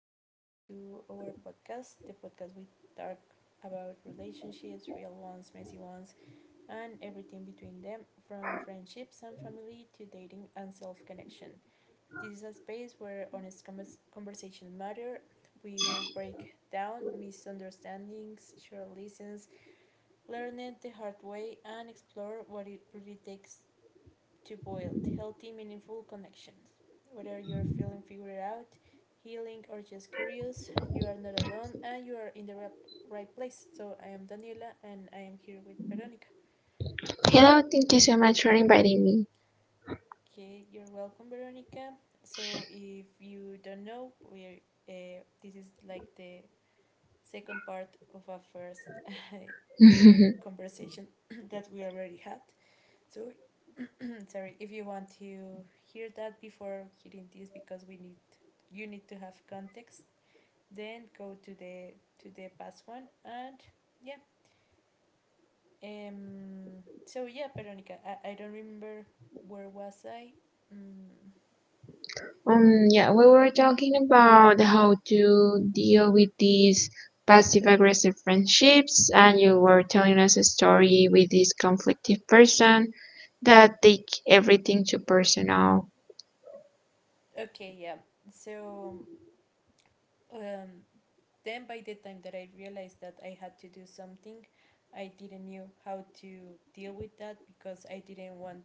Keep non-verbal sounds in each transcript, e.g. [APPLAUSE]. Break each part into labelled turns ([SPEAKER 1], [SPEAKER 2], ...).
[SPEAKER 1] welcome again to our podcast, the podcast we talk about relationships, real ones, messy ones, and everything between them, from friendships and family to dating and self connection. This is a space where honest conversations matter. We will break down misunderstandings, share lessons, learn it the hard way, and explore what it really takes to build healthy, meaningful connections. Whether you're feeling figured out, healing, or just curious, you are not alone and you are in the right place. So, I am Daniela and I am here with Veronica.
[SPEAKER 2] Hello, thank you so much for inviting me.
[SPEAKER 1] Okay, you're welcome, Veronica. So, if you don't know, this is like the second part of our first [LAUGHS]
[SPEAKER 2] [LAUGHS]
[SPEAKER 1] conversation [CLEARS THROAT] that we already had. So, [CLEARS THROAT] sorry, if you want to hear that before hearing this because we need you need to have context, then go to the past one and yeah. So yeah, Veronica, I don't remember where was I? Mm,
[SPEAKER 2] Yeah, we were talking about how to deal with these passive aggressive friendships, and you were telling us a story with this conflictive person that take everything too personal.
[SPEAKER 1] okay, yeah. So um then by the time that I realized that I had to do something, I didn't knew how to deal with that because I didn't want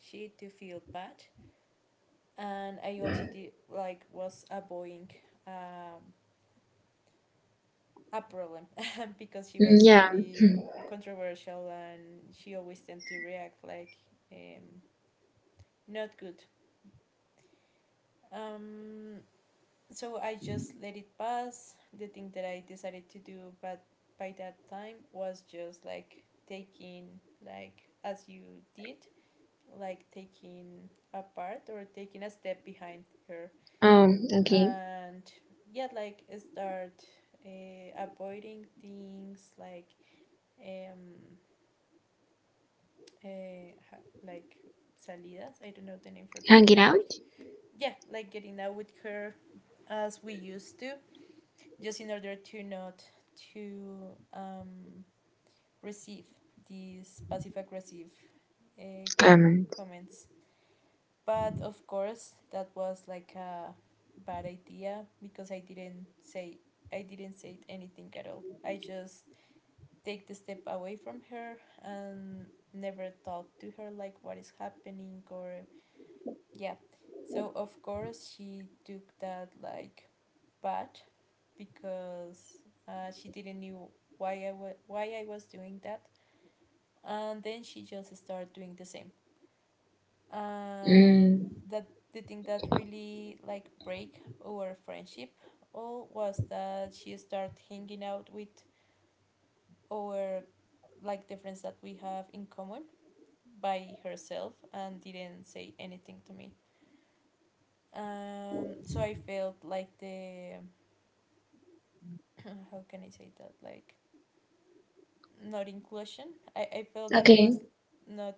[SPEAKER 1] she to feel bad and I also did like was avoiding um, a problem [LAUGHS] because she was
[SPEAKER 2] Yeah.
[SPEAKER 1] really controversial and she always tend to react like um, not good. Um, so I just let it pass. The thing that I decided to do, but by that time was just like taking like as you did, like taking a part or taking a step behind her
[SPEAKER 2] Oh, okay.
[SPEAKER 1] and yeah like start avoiding things like um like salidas, I don't know the name for that,
[SPEAKER 2] Hang
[SPEAKER 1] let
[SPEAKER 2] it
[SPEAKER 1] me search.
[SPEAKER 2] out.
[SPEAKER 1] Yeah, like getting out with her as we used to, just in order to not to receive these passive aggressive uh,
[SPEAKER 2] Comment.
[SPEAKER 1] comments. But of course, that was like a bad idea because I didn't say anything at all. I just take the step away from her and never talk to her like what is happening or yeah. So of course she took that like bad because she didn't knew why why I was doing that and then she just started doing the same. And
[SPEAKER 2] Mm,
[SPEAKER 1] that the thing that really like break our friendship all was that she started hanging out with our, like the friends that we have in common, by herself and didn't say anything to me. So I felt like the [CLEARS THROAT] how can I say that, like not inclusion. I felt that I
[SPEAKER 2] okay.
[SPEAKER 1] was not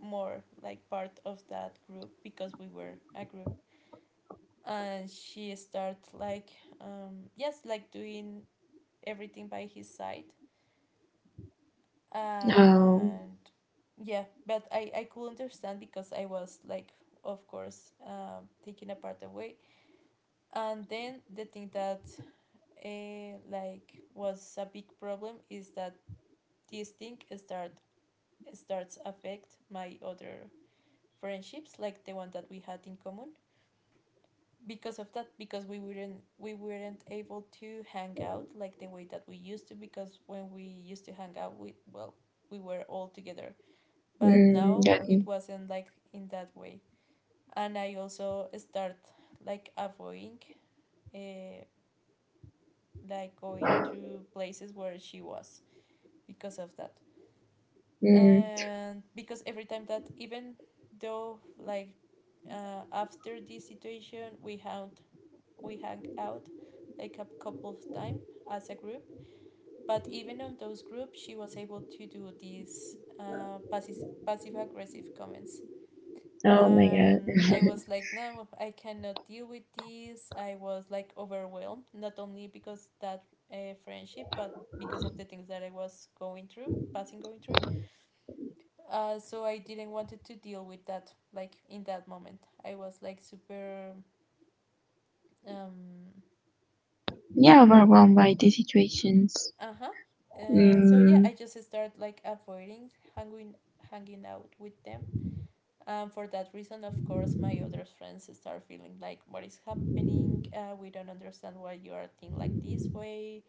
[SPEAKER 1] more like part of that group because we were a group, and she starts like yes like doing everything by his side.
[SPEAKER 2] Oh.
[SPEAKER 1] And yeah, but I could understand because I was like, of course, taking apart away. And then the thing that like was a big problem is that this thing starts affect my other friendships, like the one that we had in common, because of that, because we weren't able to hang out like the way that we used to, because when we used to hang out, we were all together, but now
[SPEAKER 2] Got
[SPEAKER 1] it
[SPEAKER 2] me.
[SPEAKER 1] wasn't like in that way. And I also start like avoiding uh, like going to places where she was because of that.
[SPEAKER 2] Mm,
[SPEAKER 1] And because every time that even though like, after this situation we had, we hung out like a couple of times as a group. But even on those groups, she was able to do these passive aggressive comments.
[SPEAKER 2] oh my
[SPEAKER 1] And
[SPEAKER 2] god.
[SPEAKER 1] I was like, no, I cannot deal with this. I was like overwhelmed, not only because that friendship, but because of the things that I was going through, passing going through. So I didn't wanted to deal with that. Like in that moment, I was like super um
[SPEAKER 2] [LAUGHS] Yeah, overwhelmed by the situations.
[SPEAKER 1] uh-huh. So yeah,
[SPEAKER 2] Mm.
[SPEAKER 1] I just start like avoiding hanging out with them. For that reason, of course, my other friends start feeling like, what is happening? We don't understand why you are thinking like this way.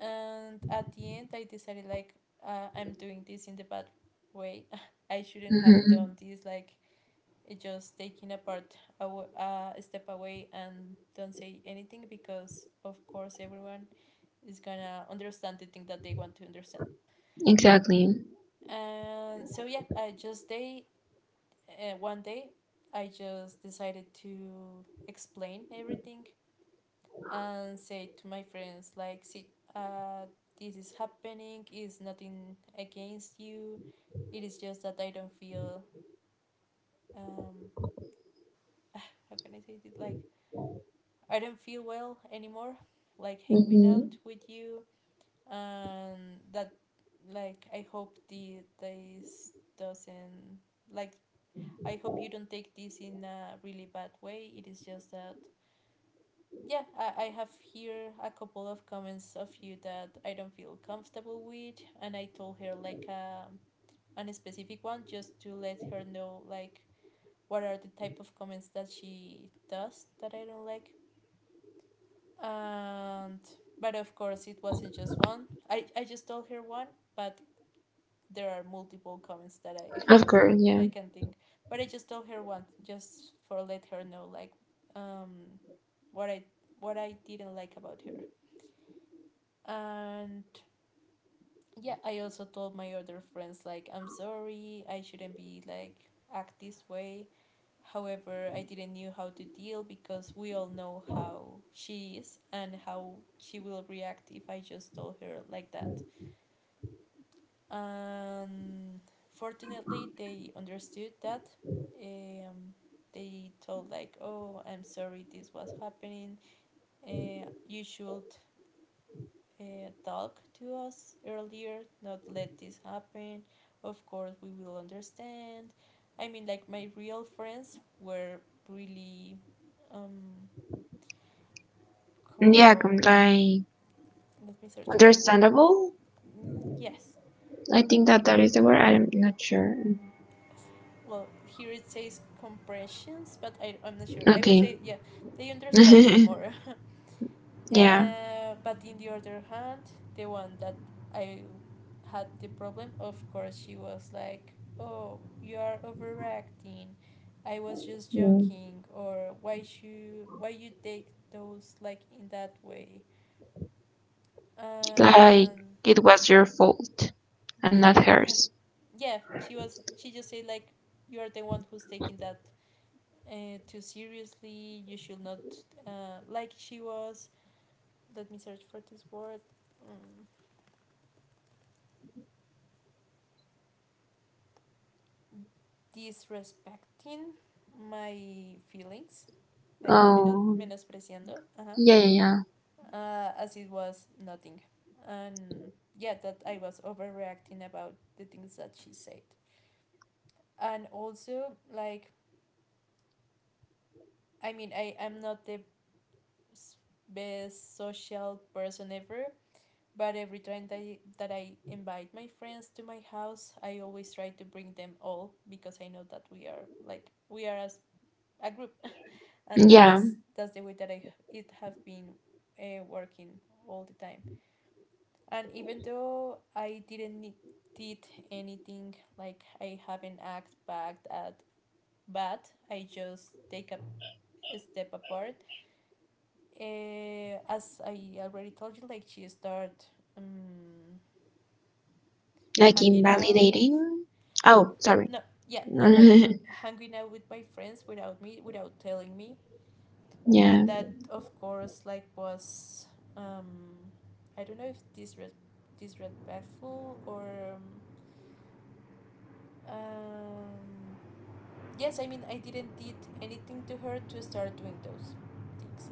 [SPEAKER 1] And at the end, I decided like, I'm doing this in the bad way. [LAUGHS] I shouldn't have
[SPEAKER 2] Mm-hmm.
[SPEAKER 1] done this. Like, it just taking apart a step away and don't say anything because, of course, everyone is gonna understand the thing that they want to understand.
[SPEAKER 2] Exactly.
[SPEAKER 1] And so yeah, I just day one day I just decided to explain everything and say to my friends like, see, uh, this is happening. It's nothing against you. It is just that I don't feel um [SIGHS] how can I say it, like I don't feel well anymore. Like hanging out
[SPEAKER 2] Mm-hmm.
[SPEAKER 1] with you and that, like I hope the this doesn't, like I hope you don't take this in a really bad way. It is just that, yeah, I have here a couple of comments of you that I don't feel comfortable with, and I told her like a specific one just to let her know like what are the type of comments that she does that I don't like. And but of course it wasn't just one. I just told her one, but there are multiple comments
[SPEAKER 2] Of course,
[SPEAKER 1] that
[SPEAKER 2] yeah.
[SPEAKER 1] I can think. But I just told her once, just for let her know like um what I, what I didn't like about her. And yeah, I also told my other friends like I'm sorry, I shouldn't be like act this way. However, I didn't knew how to deal because we all know how she is and how she will react if I just told her like that. And fortunately they understood that. um, they told like, oh, I'm sorry this was happening, you should talk to us earlier, not let this happen, of course we will understand. I mean, like my real friends were really um
[SPEAKER 2] Yeah,
[SPEAKER 1] com-
[SPEAKER 2] like
[SPEAKER 1] let me search for the word.
[SPEAKER 2] understandable.
[SPEAKER 1] Mm, yes.
[SPEAKER 2] I think that that is the word. I'm not sure.
[SPEAKER 1] Mm-hmm. Well here it says compressions but I'm not sure, I will
[SPEAKER 2] Okay.
[SPEAKER 1] say yeah, they understand me
[SPEAKER 2] [LAUGHS]
[SPEAKER 1] more. [LAUGHS]
[SPEAKER 2] Yeah.
[SPEAKER 1] Uh, but in the other hand, the one that I had the problem, of course she was like, oh, you are overreacting, I was just
[SPEAKER 2] Mm.
[SPEAKER 1] joking, or why you take those like in that way.
[SPEAKER 2] Like
[SPEAKER 1] And
[SPEAKER 2] it was your fault and not
[SPEAKER 1] kind of,
[SPEAKER 2] hers.
[SPEAKER 1] yeah, she just said like, you are the one who's taking that too seriously. You should not, like she was. Let me search for this word. Mm, disrespecting my feelings, like menos
[SPEAKER 2] Oh.
[SPEAKER 1] menospreciando. Uh-huh.
[SPEAKER 2] Yeah, yeah, yeah.
[SPEAKER 1] As it was nothing, and yeah, that I was overreacting about the things that she said, and also like I mean I am not the best social person ever, but every time that I invite my friends to my house, I always try to bring them all because I know that we are like we are as a group, and
[SPEAKER 2] Yeah.
[SPEAKER 1] that's the way that I it have been working all the time. And even though I didn't need, did anything, like I haven't act back at bad, I just take a step apart. As I already told you, like she start um,
[SPEAKER 2] Like
[SPEAKER 1] hanging out,
[SPEAKER 2] invalidating. Oh, sorry.
[SPEAKER 1] no, yeah, no, like
[SPEAKER 2] [LAUGHS]
[SPEAKER 1] hanging out with my friends without me, without telling me.
[SPEAKER 2] Yeah.
[SPEAKER 1] And that of course like was um I don't know if disrespectful or um yes, I mean I didn't did anything to her to start doing those things.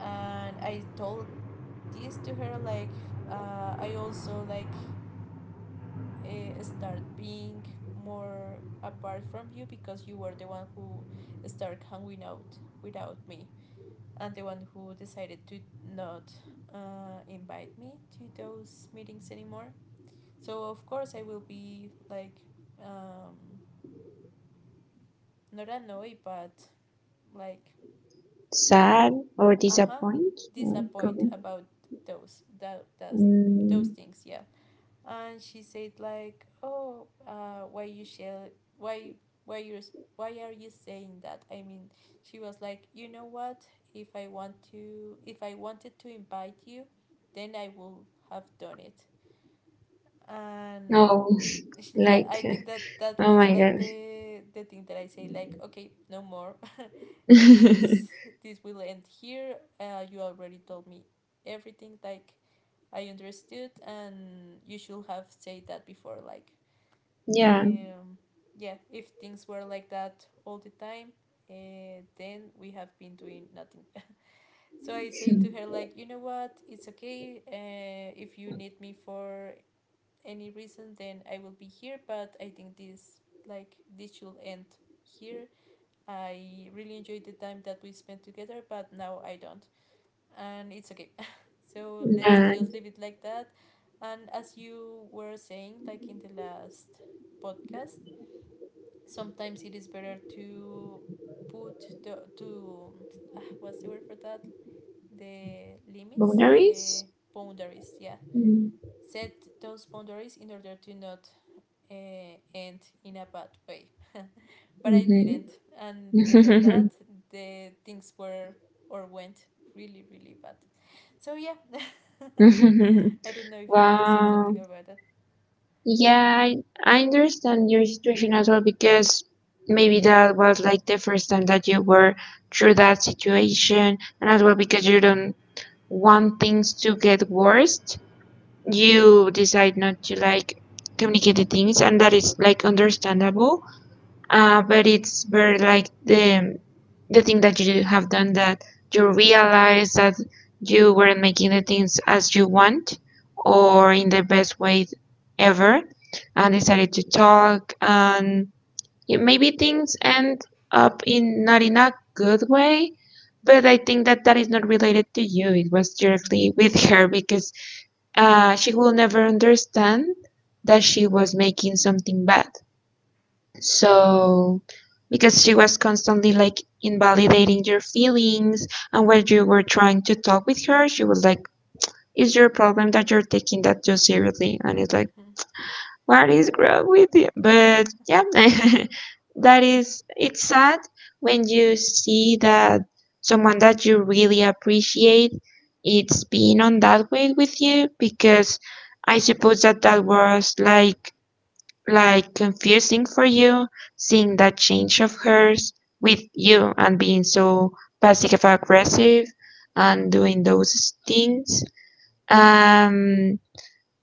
[SPEAKER 1] And I told this to her like, I also like, start being more apart from you because you were the one who started hanging out without me, and the one who decided to not, invite me to those meetings anymore. So of course I will be like um, not annoyed but like,
[SPEAKER 2] Sad or
[SPEAKER 1] uh huh
[SPEAKER 2] disappoint. Could
[SPEAKER 1] disappointed
[SPEAKER 2] be.
[SPEAKER 1] about those that that's, those
[SPEAKER 2] Mm.
[SPEAKER 1] things, yeah. And she said like, oh, why you shall why why you why are you saying that, I mean, she was like, you know what, if I wanted to invite you, then I will have done it. And
[SPEAKER 2] No. [LAUGHS]
[SPEAKER 1] [LAUGHS] yeah,
[SPEAKER 2] Like.
[SPEAKER 1] I think that that
[SPEAKER 2] Oh
[SPEAKER 1] was
[SPEAKER 2] my
[SPEAKER 1] like
[SPEAKER 2] god.
[SPEAKER 1] the thing that I say, like, okay, no more. [LAUGHS]
[SPEAKER 2] [LAUGHS] Yeah.
[SPEAKER 1] this this will end here. Uh, you already told me everything, like I understood, and you should have said that before. Like, um, yeah, if things were like that all the time, then we have been doing nothing. So I say to her, like, you know what, it's okay. If you need me for any reason, then I will be here. But I think this, like, this should end here. I really enjoyed the time that we spent together, but now I don't. And it's okay. So let's
[SPEAKER 2] Yeah.
[SPEAKER 1] just leave it like that. And as you were saying, like in the last podcast, sometimes it is better to put what's the word for that? The limits,
[SPEAKER 2] Boundaries?
[SPEAKER 1] the boundaries. Yeah,
[SPEAKER 2] Mm.
[SPEAKER 1] set those boundaries in order to not end in a bad way. But I didn't, and because of
[SPEAKER 2] Mm-hmm.
[SPEAKER 1] that, the things were or went really, really bad. So yeah. [LAUGHS] I don't know
[SPEAKER 2] [LAUGHS]
[SPEAKER 1] if you want to say
[SPEAKER 2] Wow.
[SPEAKER 1] something about that.
[SPEAKER 2] Yeah, I understand your situation as well because maybe that was like the first time that you were through that situation, and as well because you don't want things to get worse,
[SPEAKER 1] Yeah.
[SPEAKER 2] you decide not to like communicate the things, and that is like understandable. But it's very like the thing that you have done, that you realize that you weren't making the things as you want or in the best way ever, and decided to talk, and maybe things end up in not in a good way. But I think that that is not related to you, it was directly [LAUGHS] with her, because she will never understand that she was making something bad. So, because she was constantly like invalidating your feelings, and when you were trying to talk with her, she was like, "It's your problem that you're taking that too seriously," and it's like, "What is wrong with you?" But yeah, [LAUGHS] that is, it's sad when you see that someone that you really appreciate it's been on that way with you, because I suppose that that was like confusing for you, seeing that change of hers with you and being so passive aggressive and doing those things. um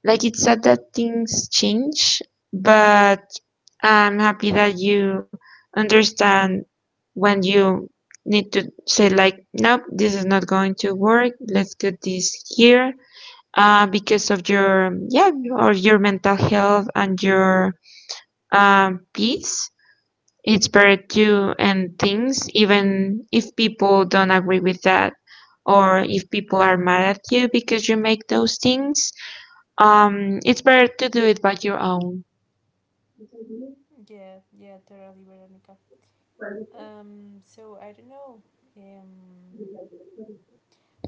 [SPEAKER 2] like it's sad that things change, but I'm happy that you understand when you need to say like, nope, this is not going to work, let's get this here. Because of your, yeah, or your mental health and your peace. It's better to end things, even if people don't agree with that, or if people are mad at you because you make those things. It's better to do it by your own.
[SPEAKER 1] Yeah, yeah, totally, Veronica. So I don't know. Um,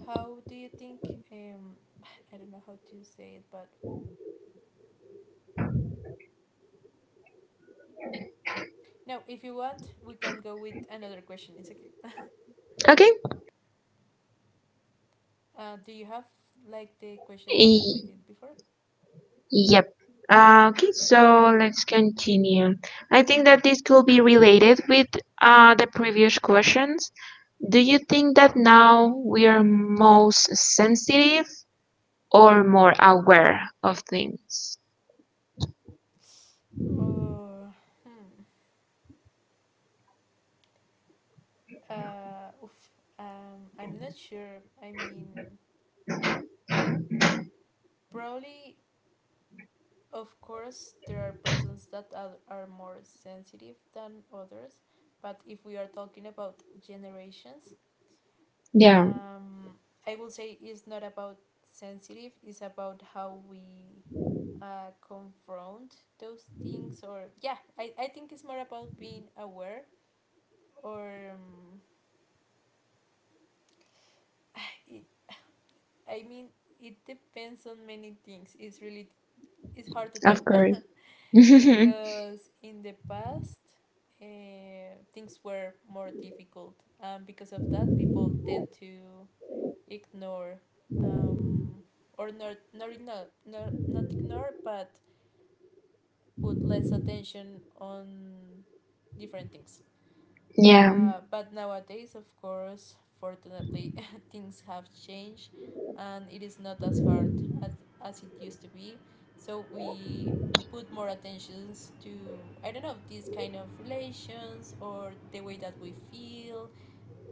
[SPEAKER 1] how do you think? [SIGHS] I don't know how to say it, but no. If you want, we can go with another question. It's okay.
[SPEAKER 2] Okay.
[SPEAKER 1] Do you have like the questions that
[SPEAKER 2] Y-
[SPEAKER 1] we did before?
[SPEAKER 2] yep. Okay, so let's continue. I think that this could be related with the previous questions. Do you think that now we are most sensitive or more aware of things?
[SPEAKER 1] Oh, hmm. Oof. I'm not sure. I mean, probably. Of course, there are persons that are more sensitive than others, but if we are talking about generations,
[SPEAKER 2] Yeah.
[SPEAKER 1] um, I would say it's not about sensitive, it's about how we confront those things, or yeah, I think it's more about being aware, or [LAUGHS] it, I mean, it depends on many things. It's really it's hard to tell.
[SPEAKER 2] Of
[SPEAKER 1] [LAUGHS]
[SPEAKER 2] course. [LAUGHS] Yeah.
[SPEAKER 1] Because in the past things were more difficult and because of that people tend to ignore um, or not not ignore not, not ignore but put less attention on different things, but nowadays, of course, fortunately, [LAUGHS] things have changed and it is not as hard as, as it used to be. So we put more attentions to, I don't know, these kind of relations or the way that we feel,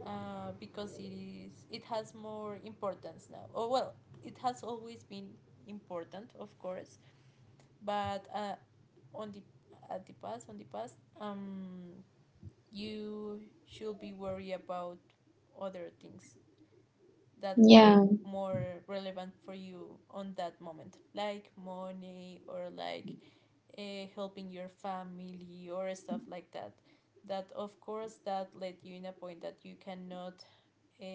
[SPEAKER 1] because it has more importance now. Oh, well, it has always been important, of course, but on the at the past on the past you should be worried about other things that were
[SPEAKER 2] Yeah.
[SPEAKER 1] more relevant for you on that moment, like money or like, helping your family or stuff like that. That of course that led you in a point that you cannot uh,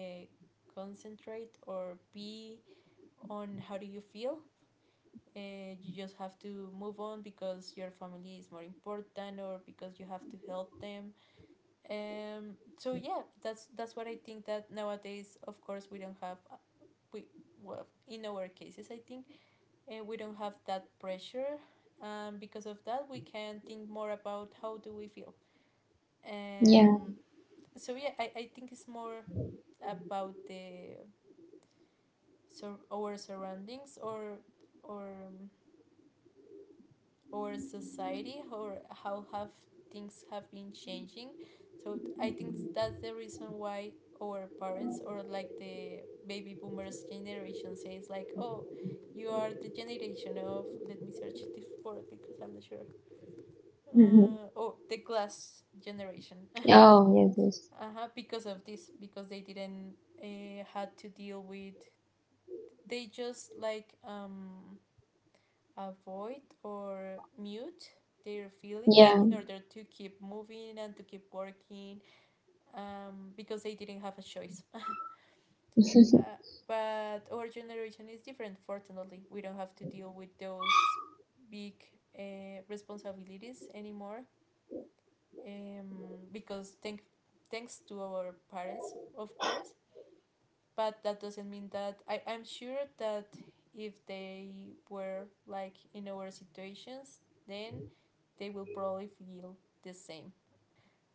[SPEAKER 1] concentrate or be on how do you feel. You just have to move on because your family is more important or because you have to help them. So yeah, that's what I think. That nowadays, of course, we don't have we well, in our cases, I think we don't have that pressure. Because of that, we can think more about how do we feel.
[SPEAKER 2] Yeah.
[SPEAKER 1] Um,
[SPEAKER 2] [LAUGHS]
[SPEAKER 1] so yeah, I think it's more about the so our surroundings or or um, our society or how have things have been changing. So I think that's the reason why our parents or like the baby boomers generation says like, oh, you are the generation of let me search this word because I'm not sure.
[SPEAKER 2] Mhm.
[SPEAKER 1] Oh, the glass generation. [LAUGHS]
[SPEAKER 2] Oh, yes,
[SPEAKER 1] Uh-huh, because of this, because they didn't had to deal with. They just like avoid or mute their
[SPEAKER 2] yes.
[SPEAKER 1] feelings in
[SPEAKER 2] Yeah.
[SPEAKER 1] order to keep moving and to keep working, because they didn't have a choice.
[SPEAKER 2] [LAUGHS]
[SPEAKER 1] Uh, but our generation is different, fortunately. We don't have to deal with those big, responsibilities anymore, um, because thanks to our parents, of course. But that doesn't mean that I'm sure that if they were like in our situations, then they will probably feel the same.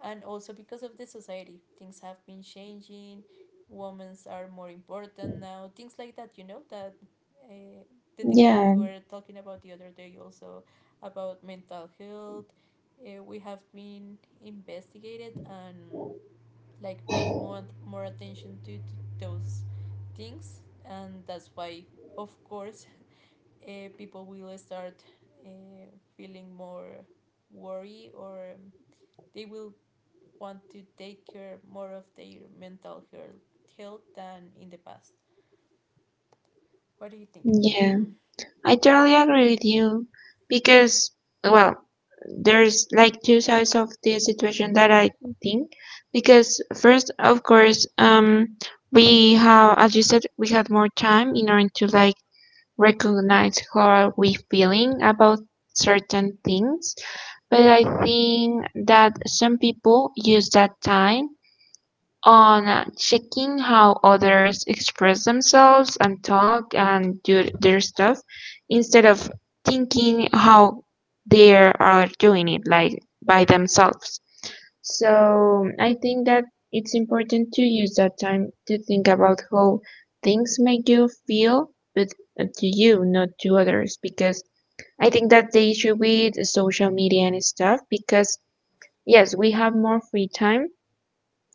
[SPEAKER 1] And also because of the society, things have been changing, women's are more important now, things like that, you know, that uh, the thing that we
[SPEAKER 2] Yeah.
[SPEAKER 1] were talking about the other day also about mental health. We have been investigated and like paying more attention to those things and that's why of course people will start uh, feeling more worry or they will want to take care more of their mental health health than in the past. What do you think?
[SPEAKER 2] Yeah. I totally agree with you because, well, there's like two sides of the situation that I think, because first, of course, we have, as you said, we had more time in order to like recognize how are we feeling about certain things. But I think that some people use that time on checking how others express themselves and talk and do their stuff, instead of thinking how they are doing it, like by themselves. So I think that it's important to use that time to think about how things make you feel, but to you, not to others, because I think that's the issue with social media and stuff, because yes, we have more free time,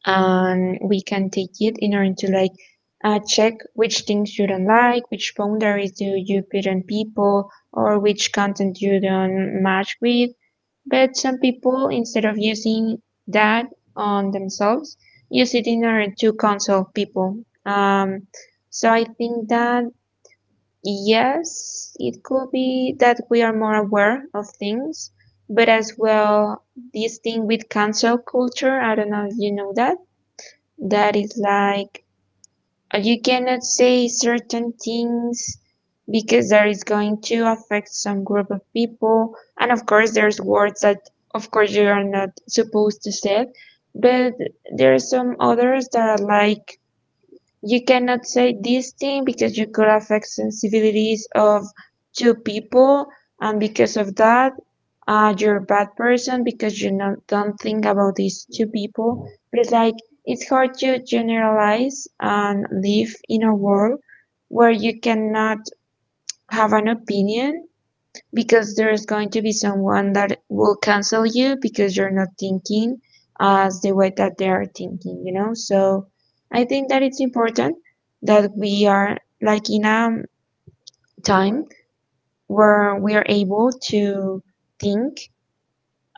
[SPEAKER 2] and we can take it in order to like check which things you don't like, which boundaries do you put on people, or which content you don't match with. But some people, instead of using that on themselves, use it in order to console people. So I think that, yes, it could be that we are more aware of things, but as well, this thing with cancel culture, I don't know if you know that, that is like you cannot say certain things because that is going to affect some group of people. And of course, there's words that, of course, you are not supposed to say, but there are some others that are like, you cannot say this thing because you could affect sensibilities of two people, and because of that, you're a bad person because you not, don't think about these two people. But it's like, it's hard to generalize and live in a world where you cannot have an opinion, because there's going to be someone that will cancel you because you're not thinking as the way that they are thinking, you know? So I think that it's important that we are like in a time where we are able to think,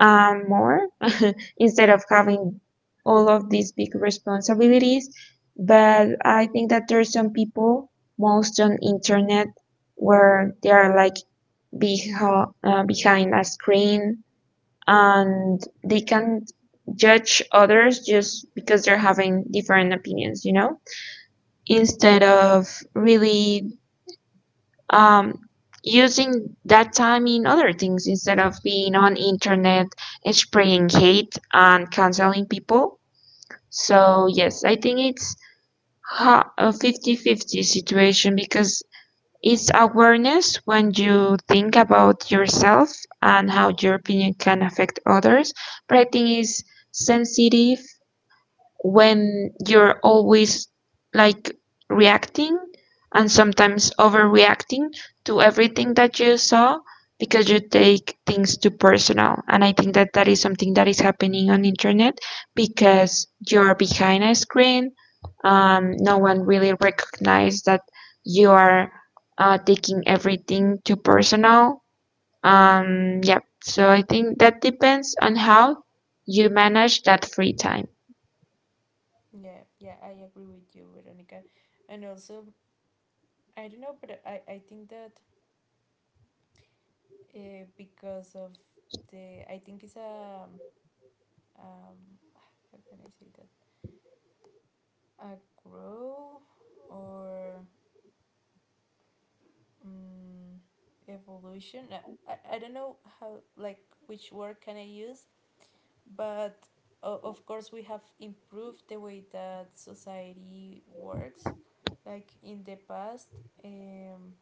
[SPEAKER 2] more, [LAUGHS] instead of having all of these big responsibilities. But I think that there are some people, most on internet, where they are like behind a screen, and they can't judge others just because they're having different opinions, you know? Instead of really um, using that time in other things, instead of being on internet spraying hate and canceling people. So yes, I think it's a 50-50 situation, because it's awareness when you think about yourself and how your opinion can affect others, but I think it's sensitive when you're always like reacting and sometimes overreacting to everything that you saw, because you take things too personal, and I think that that is something that is happening on the internet, because you're behind a screen. No one really recognizes that you are taking everything too personal. Yeah, so I think that depends on how you manage that free time.
[SPEAKER 1] Yeah, yeah, I agree with you, Veronica. And also, I don't know, but I think that because of the, I think it's a, how can I say that? A grow or mm, evolution, I don't know how like which word can I use, but o of course we have improved the way that society works, like in the past, um,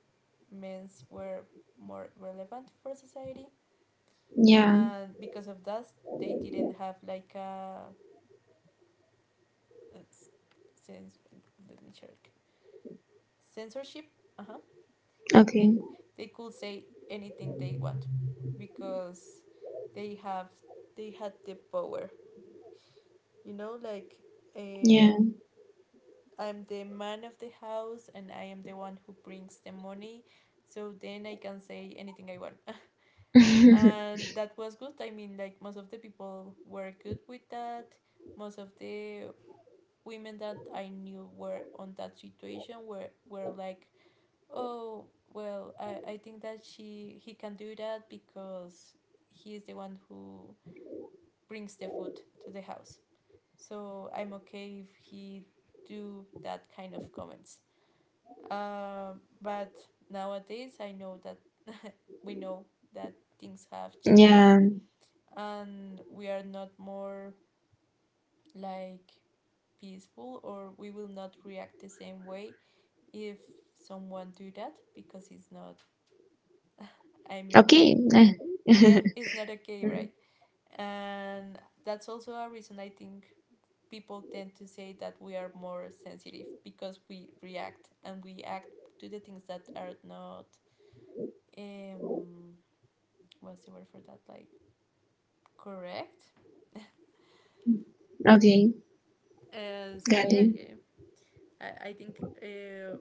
[SPEAKER 1] men's were more relevant for society
[SPEAKER 2] Yeah.
[SPEAKER 1] and because of that they didn't have like a s- cens- let me check, censorship. Uh-huh, like they
[SPEAKER 2] Okay,
[SPEAKER 1] they could say anything they want because they have they had the power, you know, like,
[SPEAKER 2] yeah.
[SPEAKER 1] um, I'm the man of the house and I am the one who brings the money, so then I can say anything I want. [LAUGHS]
[SPEAKER 2] [LAUGHS]
[SPEAKER 1] And that was good. I mean, like, most of the people were good with that. Most of the women that I knew were on that situation, were like, oh, well, I think that she he can do that because he is the one who brings the food to the house. So I'm okay if he do that kind of comments. But nowadays I know that [LAUGHS] we know that things have changed
[SPEAKER 2] Yeah.
[SPEAKER 1] and we are not more like peaceful or we will not react the same way if someone do that because it's not, I mean,
[SPEAKER 2] Okay.
[SPEAKER 1] yeah,
[SPEAKER 2] [LAUGHS]
[SPEAKER 1] it's not okay, right? And that's also a reason I think people tend to say that we are more sensitive because we react and we act to the things that are not, um what's the word for that, like, correct?
[SPEAKER 2] Okay,
[SPEAKER 1] So
[SPEAKER 2] got
[SPEAKER 1] yeah,
[SPEAKER 2] it.
[SPEAKER 1] yeah, I think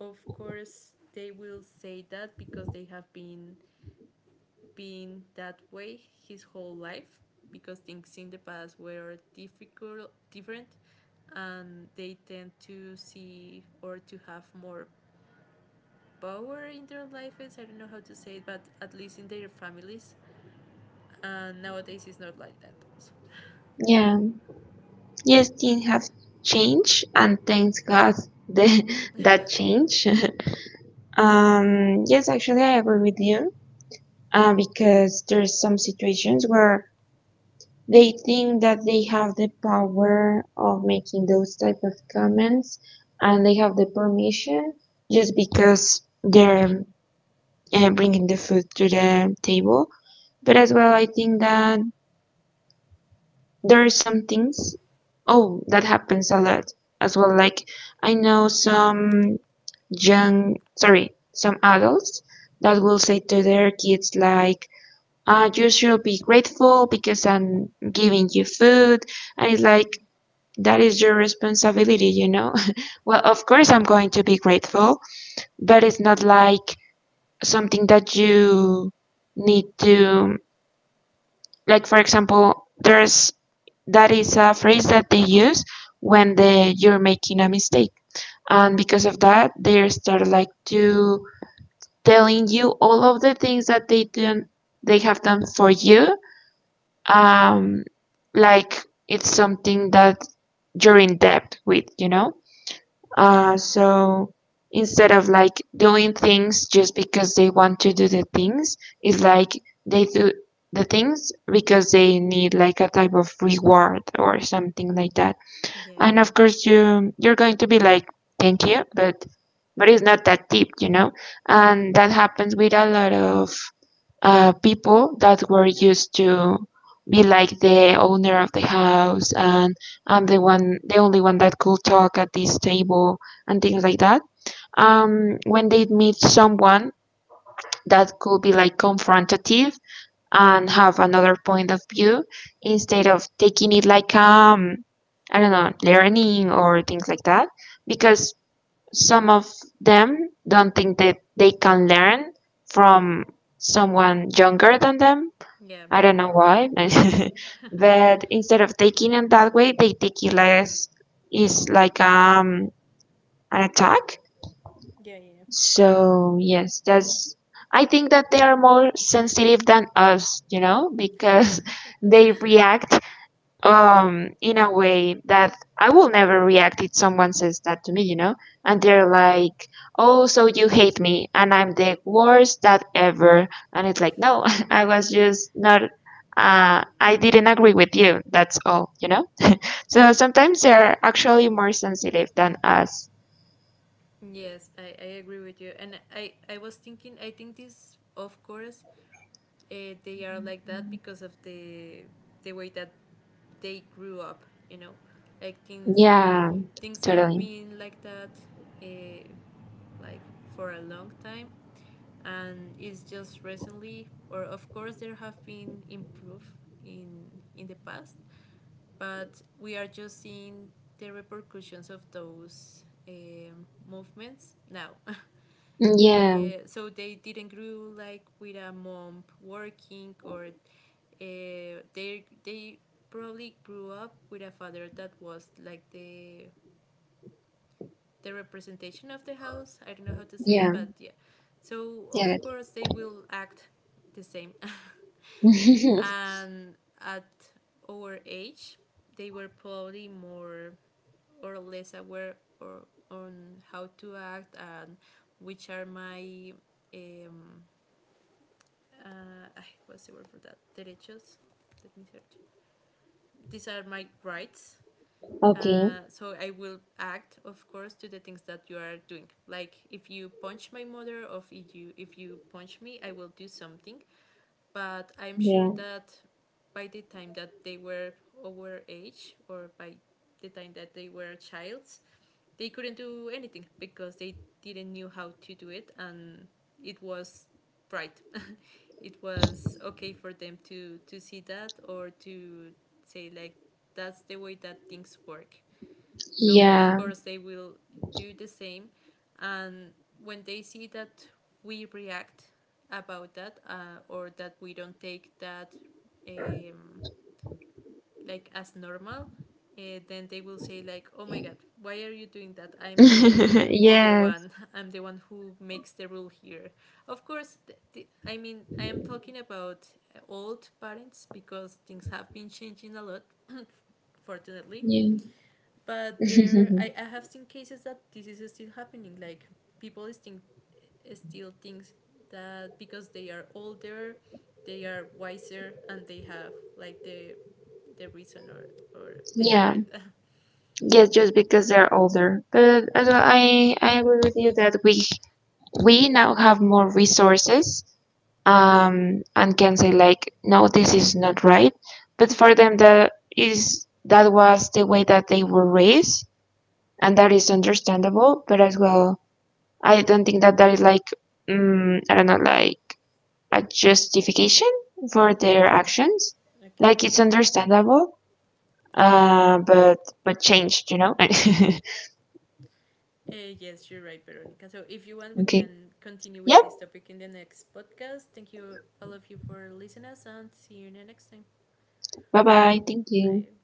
[SPEAKER 1] of course they will say that because they have been that way his whole life, because things in the past were difficult, different, and they tend to see or to have more power in their lives. I don't know how to say it, but at least in their families. And nowadays, it's not like that. Also.
[SPEAKER 2] Yeah. Yes, things have changed, and thanks God the, [LAUGHS] that change. [LAUGHS] Yes, actually I agree with you. Because there's some situations where they think that they have the power of making those type of comments, and they have the permission just because they're bringing the food to the table. But as well, I think that there are some things, oh, that happens a lot as well. Like, I know some young, sorry, some adults that will say to their kids, like, you should be grateful because I'm giving you food. And it's like,
[SPEAKER 1] Mm-hmm.
[SPEAKER 2] that is your responsibility, you know? [LAUGHS] Well, of course, I'm going to be grateful, but it's not like something that you need to. Like for example, there's that is a phrase that they use when the you're making a mistake. And because of that, they start like to telling you all of the things that they have done for you. Um like it's something that you're in debt with, you know? So instead of like doing things just because they want to do the things, it's like they do the things because they need like a type of reward or something like that. And
[SPEAKER 1] Yeah,
[SPEAKER 2] of course, you're going to be like, thank you, but it's not that deep, you know. And that happens with a lot of people that were used to be like the owner of the house, and I'm the only one that could talk at this table, and things like that. When they meet someone that could be like confrontative and have another point of view, instead of taking it like I don't know, learning or things like that, because some of them don't think that they can learn from someone younger than them.
[SPEAKER 1] yeah,
[SPEAKER 2] I don't know why, [LAUGHS] but instead of taking it that way, they take it less. It's like an attack.
[SPEAKER 1] yeah, Yeah, yeah.
[SPEAKER 2] So yes, that's. I think that they are more sensitive than us, you know, because [LAUGHS] they react in a way that I will never react if someone says that to me, you know? And they're like, "Oh, so you hate me and I'm the worst that ever." And it's like, "No, [LAUGHS] I was just not I didn't agree with you. That's all, you know?" So sometimes they're actually more sensitive than us.
[SPEAKER 1] Yes, I agree with you. And I was thinking, I think this, of course, they are like that because of the way that they grew up, you know, like
[SPEAKER 2] Yeah,
[SPEAKER 1] things have
[SPEAKER 2] totally.
[SPEAKER 1] been like that, uh, like, for a long time, and it's just recently. Or of course there have been improve in in the past, but we are just seeing the repercussions of those movements now. [LAUGHS]
[SPEAKER 2] Yeah,
[SPEAKER 1] So they didn't grow like with a mom working, or they probably grew up with a father that was like the representation of the house. I don't know how to say
[SPEAKER 2] yeah,
[SPEAKER 1] it, but yeah. So
[SPEAKER 2] yeah.
[SPEAKER 1] of course they will act the same. [LAUGHS]
[SPEAKER 2] [LAUGHS]
[SPEAKER 1] And at our age they were probably more or less aware or on how to act and which are my um, uh, what's the word for that? Derechos. Let me search. These are my rights.
[SPEAKER 2] Okay.
[SPEAKER 1] So I will act, of course, to the things that you are doing. Like if you punch my mother, or if you punch me, I will do something. But I'm sure
[SPEAKER 2] Yeah.
[SPEAKER 1] that by the time that they were over age, or by the time that they were childs, they couldn't do anything because they didn't knew how to do it, and it was right, it was okay for them to see that or to say like that's the way that things work. So of
[SPEAKER 2] Yeah.
[SPEAKER 1] course they will do the same, and when they see that we react about that, or that we don't take that um, like as normal, then they will say like, oh my god, why are you doing that? I'm the
[SPEAKER 2] [LAUGHS]
[SPEAKER 1] older
[SPEAKER 2] Yes.
[SPEAKER 1] one. [LAUGHS] I'm the one who makes the rule here. Of course I mean, I am talking about old parents because things have been changing a lot, fortunately.
[SPEAKER 2] Yeah.
[SPEAKER 1] But there
[SPEAKER 2] [LAUGHS]
[SPEAKER 1] I have seen cases that this is still happening. Like, people think, still think that because they are older they are wiser and they have like the reason, or they are
[SPEAKER 2] Yeah.
[SPEAKER 1] right. [LAUGHS]
[SPEAKER 2] Yes, just because they're older. But as well, I agree with you that we now have more resources, and can say like, no, this is not right. But for them, that is that was the way that they were raised, and that is understandable. But as well, I don't think that that is like, I don't know, like a justification for
[SPEAKER 1] Mm,
[SPEAKER 2] their actions.
[SPEAKER 1] okay,
[SPEAKER 2] Like
[SPEAKER 1] yeah.
[SPEAKER 2] it's understandable, but changed, you know. [LAUGHS]
[SPEAKER 1] Yes, you're right, Veronica. So if you want, we
[SPEAKER 2] Okay.
[SPEAKER 1] can continue with
[SPEAKER 2] Yeah,
[SPEAKER 1] this topic in the next podcast. Thank you, all of you, for listening us, and see you in the next time.
[SPEAKER 2] bye bye. Thank you.
[SPEAKER 1] Bye.